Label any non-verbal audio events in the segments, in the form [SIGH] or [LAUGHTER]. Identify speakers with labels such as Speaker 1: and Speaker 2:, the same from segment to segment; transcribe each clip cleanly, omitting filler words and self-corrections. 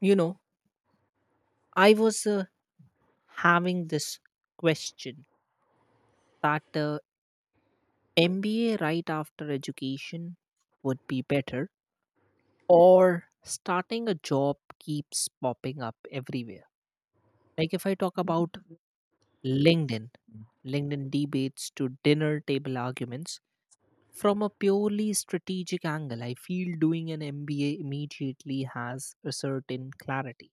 Speaker 1: you know I was having this question that MBA right after education would be better, or starting a job, keeps popping up everywhere. Like if I talk about linkedin linkedin debates to dinner table arguments. From a purely strategic angle, I feel doing an MBA immediately has a certain clarity.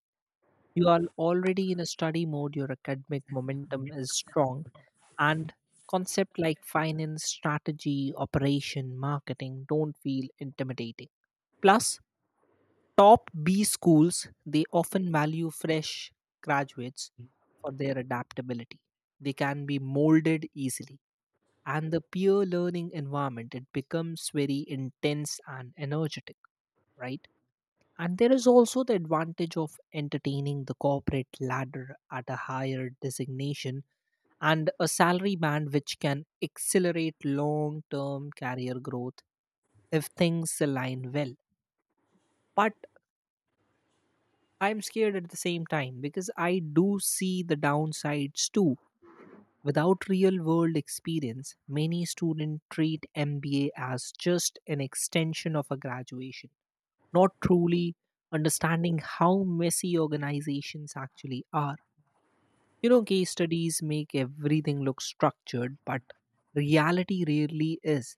Speaker 1: You are already in a study mode, your academic momentum is strong, and concept like finance, strategy, operation, marketing don't feel intimidating. Plus, top B schools, they often value fresh graduates for their adaptability. They can be molded easily, and the peer learning environment, it becomes very intense and energetic, right? And there is also the advantage of entertaining the corporate ladder at a higher designation and a salary band which can accelerate long term career growth if things align well. But I'm scared at the same time because I do see the downsides too. Without real world experience, many students treat MBA as just an extension of a graduation, not truly understanding how messy organizations actually are. Case studies make everything look structured, but reality rarely is.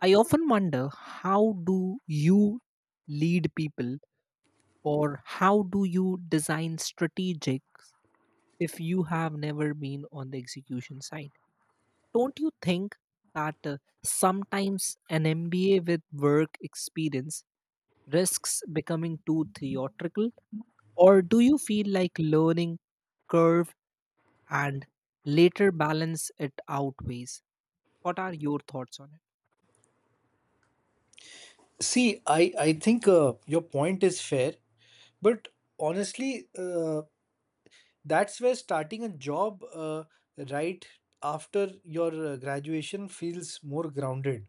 Speaker 1: I often wonder, how do you lead people, or how do you design strategics if you have never been on the execution side? Don't you think that sometimes an MBA with work experience risks becoming too theoretical? Or do you feel like learning curve and later balance it outweighs? What are your thoughts on
Speaker 2: See, I think your point is fair, but honestly, that's where starting a job right after your graduation feels more grounded.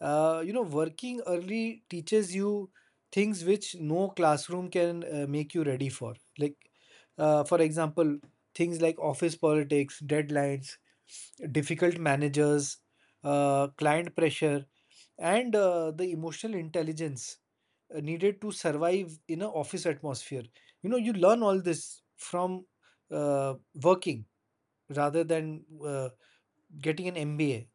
Speaker 2: Working early teaches you things which no classroom can make you ready for. For example, things like office politics, deadlines, difficult managers, client pressure, and the emotional intelligence needed to survive in an office atmosphere. You know, you learn all this from uh, working rather than getting an MBA.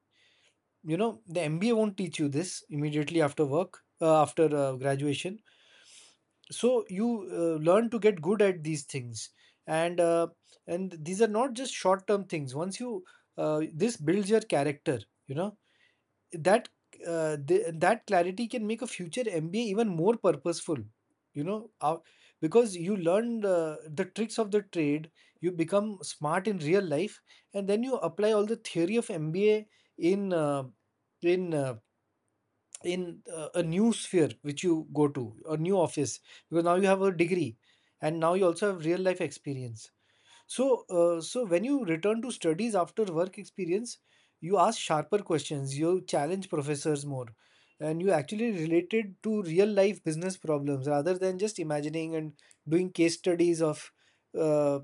Speaker 2: You know, the MBA won't teach you this immediately after work, after graduation. So you learn to get good at these things, and uh, and these are not just short term things. Once you This builds your character. You know, that that clarity can make a future MBA even more purposeful. You know, uh, because you learn the tricks of the trade, you become smart in real life, and then you apply all the theory of MBA in uh, in uh, in a new sphere which you go to, a new office, because now you have a degree, and now you also have real life experience. So when you return to studies after work experience, you ask sharper questions, you challenge professors more, and you actually related to real life business problems rather than just imagining and doing case studies of uh,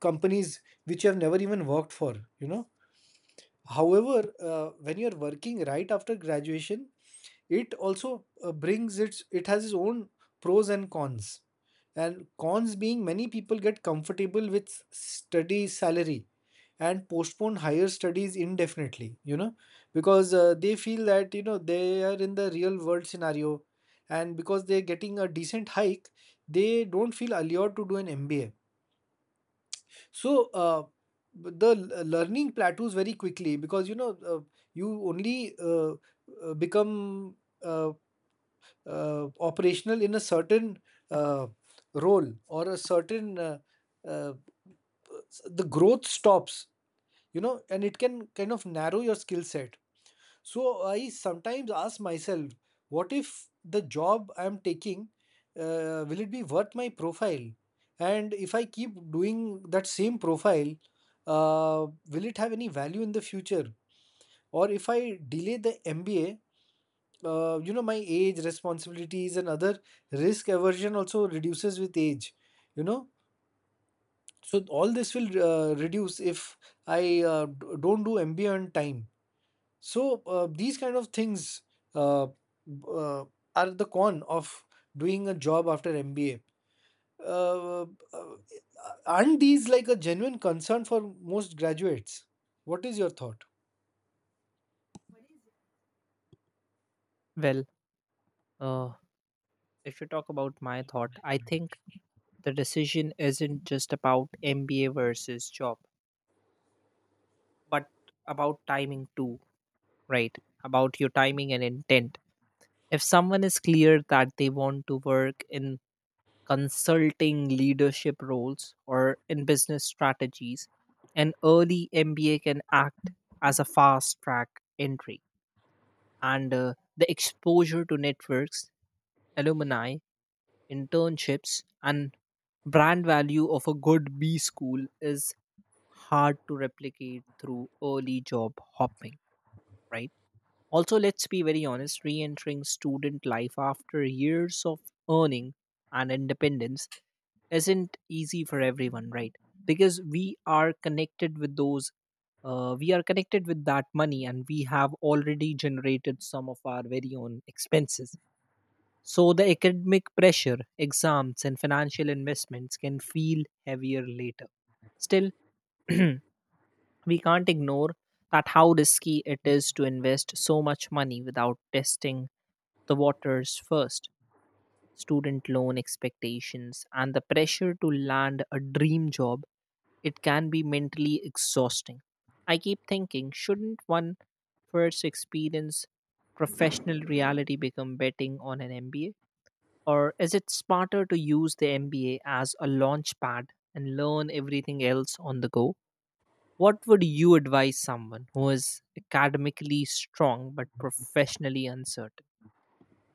Speaker 2: companies which you have never even worked for, you know. However, when you're working right after graduation, it also brings its it has its own pros and cons, and cons being many people get comfortable with study salary and postpone higher studies indefinitely, you know, because they feel that, you know, they are in the real world scenario, and because they're getting a decent hike they don't feel allured to do an MBA. So learning plateaus very quickly because, you know you only become uh, operational in a certain uh, role or a certain uh, the growth stops, you know, and it can kind of narrow your skill set. So I sometimes ask myself, what if the job I am taking, will it be worth my profile? And if I keep doing that same profile, uh, will it have any value in the future? Or if I delay the MBA, you know, my age, responsibilities, and other risk aversion also reduces with age, you know. So all this will reduce if I don't do MBA on time. So these kind of things uh, b- uh, are the con of doing a job after MBA. uh, uh, aren't these like a genuine concern for most graduates? What is your thought?
Speaker 1: it? Well, uh, if you talk about my thought, I think the decision isn't just about MBA versus job, but about timing too, right? About your timing and intent. If someone is clear that they want to work in consulting leadership roles or in business strategies, an early MBA can act as a fast track entry. And the exposure to networks, alumni, internships, and brand value of a good B school is hard to replicate through early job hopping, right? Also, let's be very honest, re entering student life after years of earning and independence isn't easy for everyone, right? Because we are connected with those, we are connected with that money, and we have already generated some of our very own expenses. So, the academic pressure, exams, and financial investments can feel heavier later. Still, [CLEARS THROAT] we can't ignore that how risky it is to invest so much money without testing the waters first. Student loan expectations and the pressure to land a dream job, it can be mentally exhausting. I keep thinking, shouldn't one first experience professional reality become betting on an MBA? Or is it smarter to use the MBA as a launch pad and learn everything else on the go? What would you advise someone who is academically strong but professionally uncertain?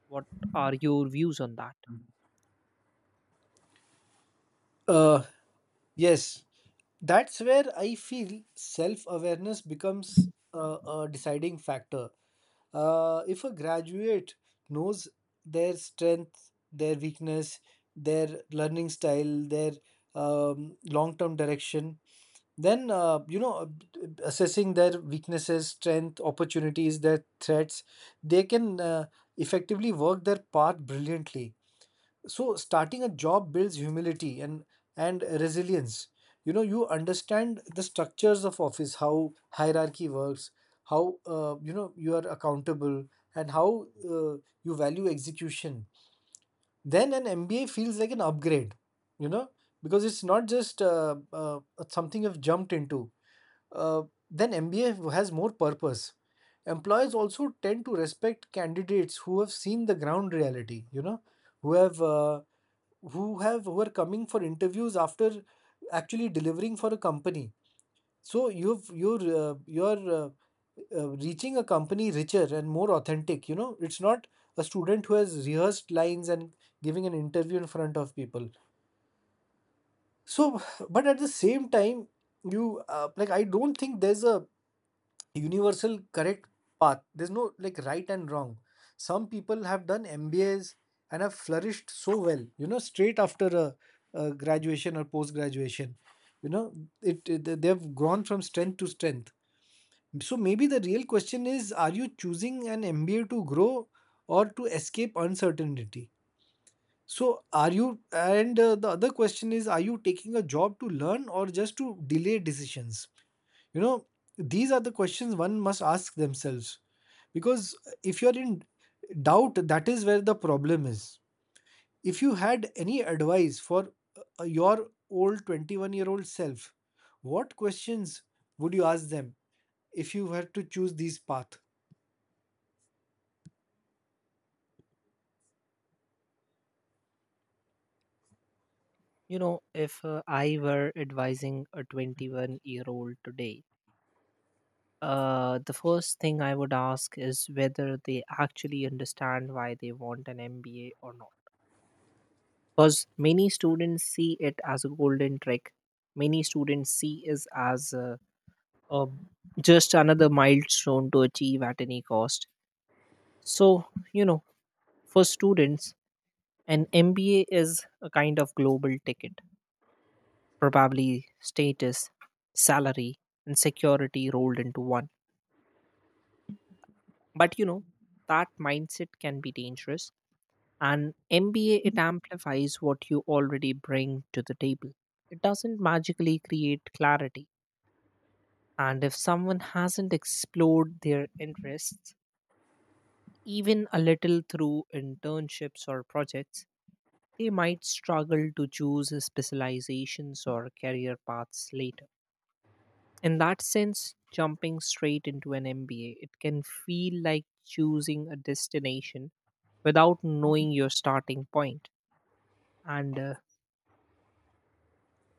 Speaker 1: What are your views on that?
Speaker 2: uh, yes. That's where I feel self awareness becomes a deciding factor. If a graduate knows their strength, their weakness, their learning style, their long term direction, then you know, assessing their weaknesses, strength, opportunities, their threats, they can effectively work their path brilliantly. So starting a job builds humility and resilience. You know, you understand the structures of office, how hierarchy works, how you know, you are accountable, and how you value execution. Then an MBA feels like an upgrade, you know, because it's not just something you've jumped into. uh, then MBA has more purpose. Employers also tend to respect candidates who have seen the ground reality, you know, who have who are coming for interviews after actually delivering for a company. So you're reaching a company richer and more authentic. You know, it's not a student who has rehearsed lines and giving an interview in front of people. So, but at the same time, you like, I don't think there's a universal correct path. There's no like right and wrong. Some people have done MBAs and have flourished so well, you know, straight after a graduation or post graduation. You know, they've grown from strength to strength. So maybe the real question is, are you choosing an MBA to grow or to escape uncertainty? So are you and the other question is, are you taking a job to learn or just to delay decisions? You know, these are the questions one must ask themselves, because if you're in doubt, that is where the problem is. If you had any advice for your old 21-year-old self, what questions would you ask them if you were to choose this path?
Speaker 1: You know, if I were advising a 21-year-old today, the first thing I would ask is whether they actually understand why they want an MBA or not. Because many students see it as a golden trick. Many students see it as a just another milestone to achieve at any cost. So, you know, for students, an MBA is a kind of global ticket, probably status, salary, and security rolled into one. But you know, that mindset can be dangerous. And MBA, it amplifies what you already bring to the table. It doesn't magically create clarity. And if someone hasn't explored their interests, even a little through internships or projects, they might struggle to choose specializations or career paths later. In that sense, jumping straight into an MBA, it can feel like choosing a destination without knowing your starting point. And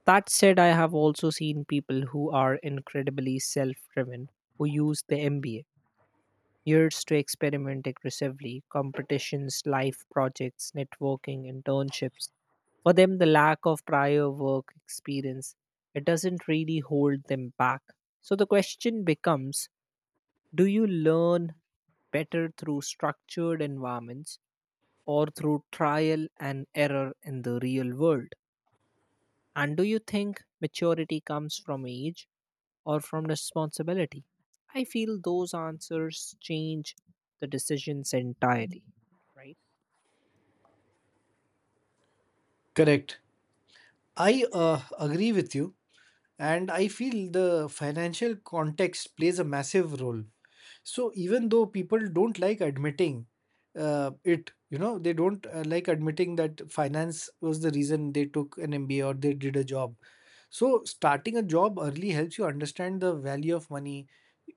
Speaker 1: that said, I have also seen people who are incredibly self driven, who use the MBA years to experiment aggressively, competitions, life projects, networking, internships. For them, the lack of prior work experience, it doesn't really hold them back. So the question becomes, do you learn better through structured environments or through trial and error in the real world? And do you think maturity comes from age or from responsibility? I feel those answers change the decisions entirely, right?
Speaker 2: Correct. I agree with you, and I feel the financial context plays a massive role. So even though people don't like admitting it, you know, they don't like admitting that finance was the reason they took an MBA or they did a job. So starting a job early helps you understand the value of money.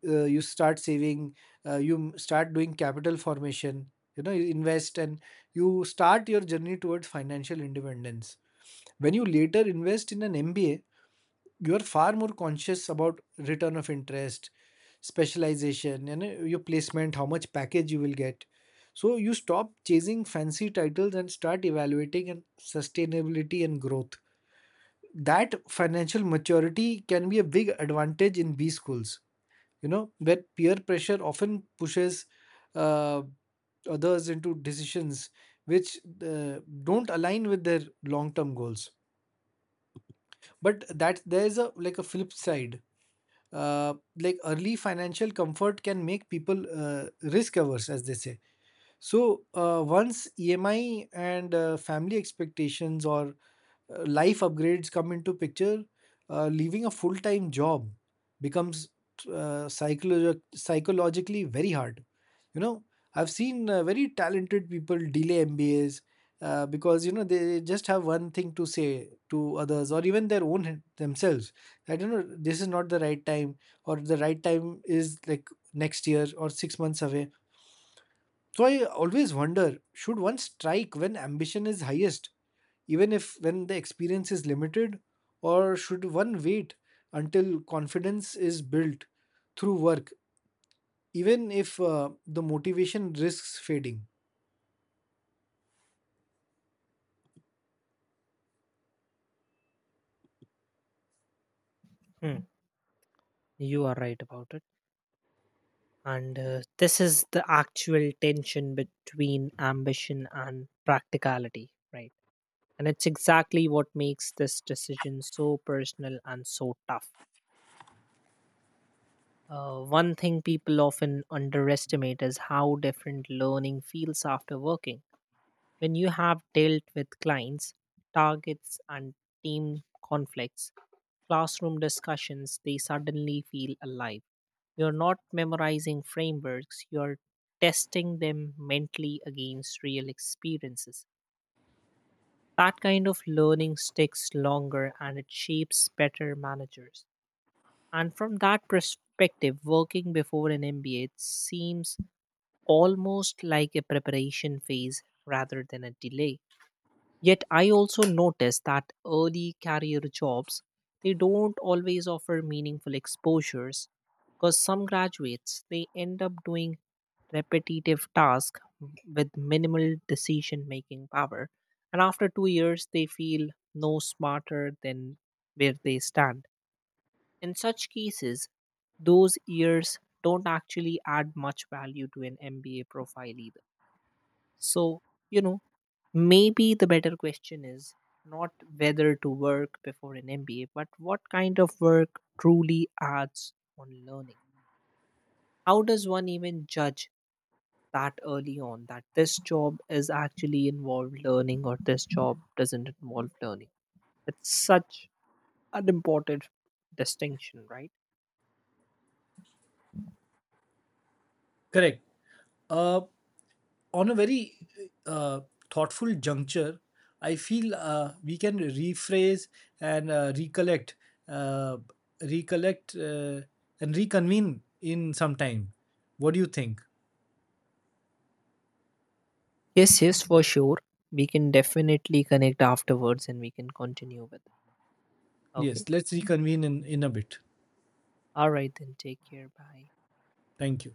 Speaker 2: You start saving, start doing capital formation, you know, you invest, and you start your journey towards financial independence. When you later invest in an MBA, you are far more conscious about return of interest, specialization, and your placement, how much package you will get. So you stop chasing fancy titles and start evaluating and sustainability and growth. That financial maturity can be a big advantage in B schools, you know, where peer pressure often pushes uh, others into decisions which don't align with their long-term goals. But that there's a like a flip side. uh, like, early financial comfort can make people risk averse, as they say. So once EMI and family expectations or life upgrades come into picture, leaving a full time job becomes psychologically very hard. You know, I've seen very talented people delay MBAs because, you know, they just have one thing to say to others or even their own themselves. I don't know. This is not the right time, or the right time is like next year or 6 months away. So I always wonder, should one strike when ambition is highest, even if when the experience is limited? Or should one wait until confidence is built through work, even if the motivation risks fading?
Speaker 1: Hmm, you are right about it. And this is the actual tension between ambition and practicality, right? And it's exactly what makes this decision so personal and so tough. One thing people often underestimate is how different learning feels after working. When you have dealt with clients, targets, and team conflicts, classroom discussions, they suddenly feel alive. You're not memorizing frameworks, you're testing them mentally against real experiences. That kind of learning sticks longer and it shapes better managers. And from that perspective, working before an MBA, it seems almost like a preparation phase rather than a delay. Yet I also notice that early career jobs, they don't always offer meaningful exposures because some graduates, they end up doing repetitive tasks with minimal decision making power, and after 2 years they feel no smarter than where they stand. In such cases, those years don't actually add much value to an MBA profile either. So, you know, maybe the better question is not whether to work before an MBA, but what kind of work truly adds on learning. How does one even judge that early on that this job is actually involved learning or this job doesn't involve learning? It's such an important distinction, right?
Speaker 2: Correct. Uh, on a very uh, thoughtful juncture, I feel we can rephrase and uh, recollect and reconvene in some time. What do you think?
Speaker 1: Yes, yes, for sure. We can definitely connect afterwards and we can continue with it. Okay.
Speaker 2: Yes, let's reconvene in a bit.
Speaker 1: All right, then take care. Bye.
Speaker 2: Thank you.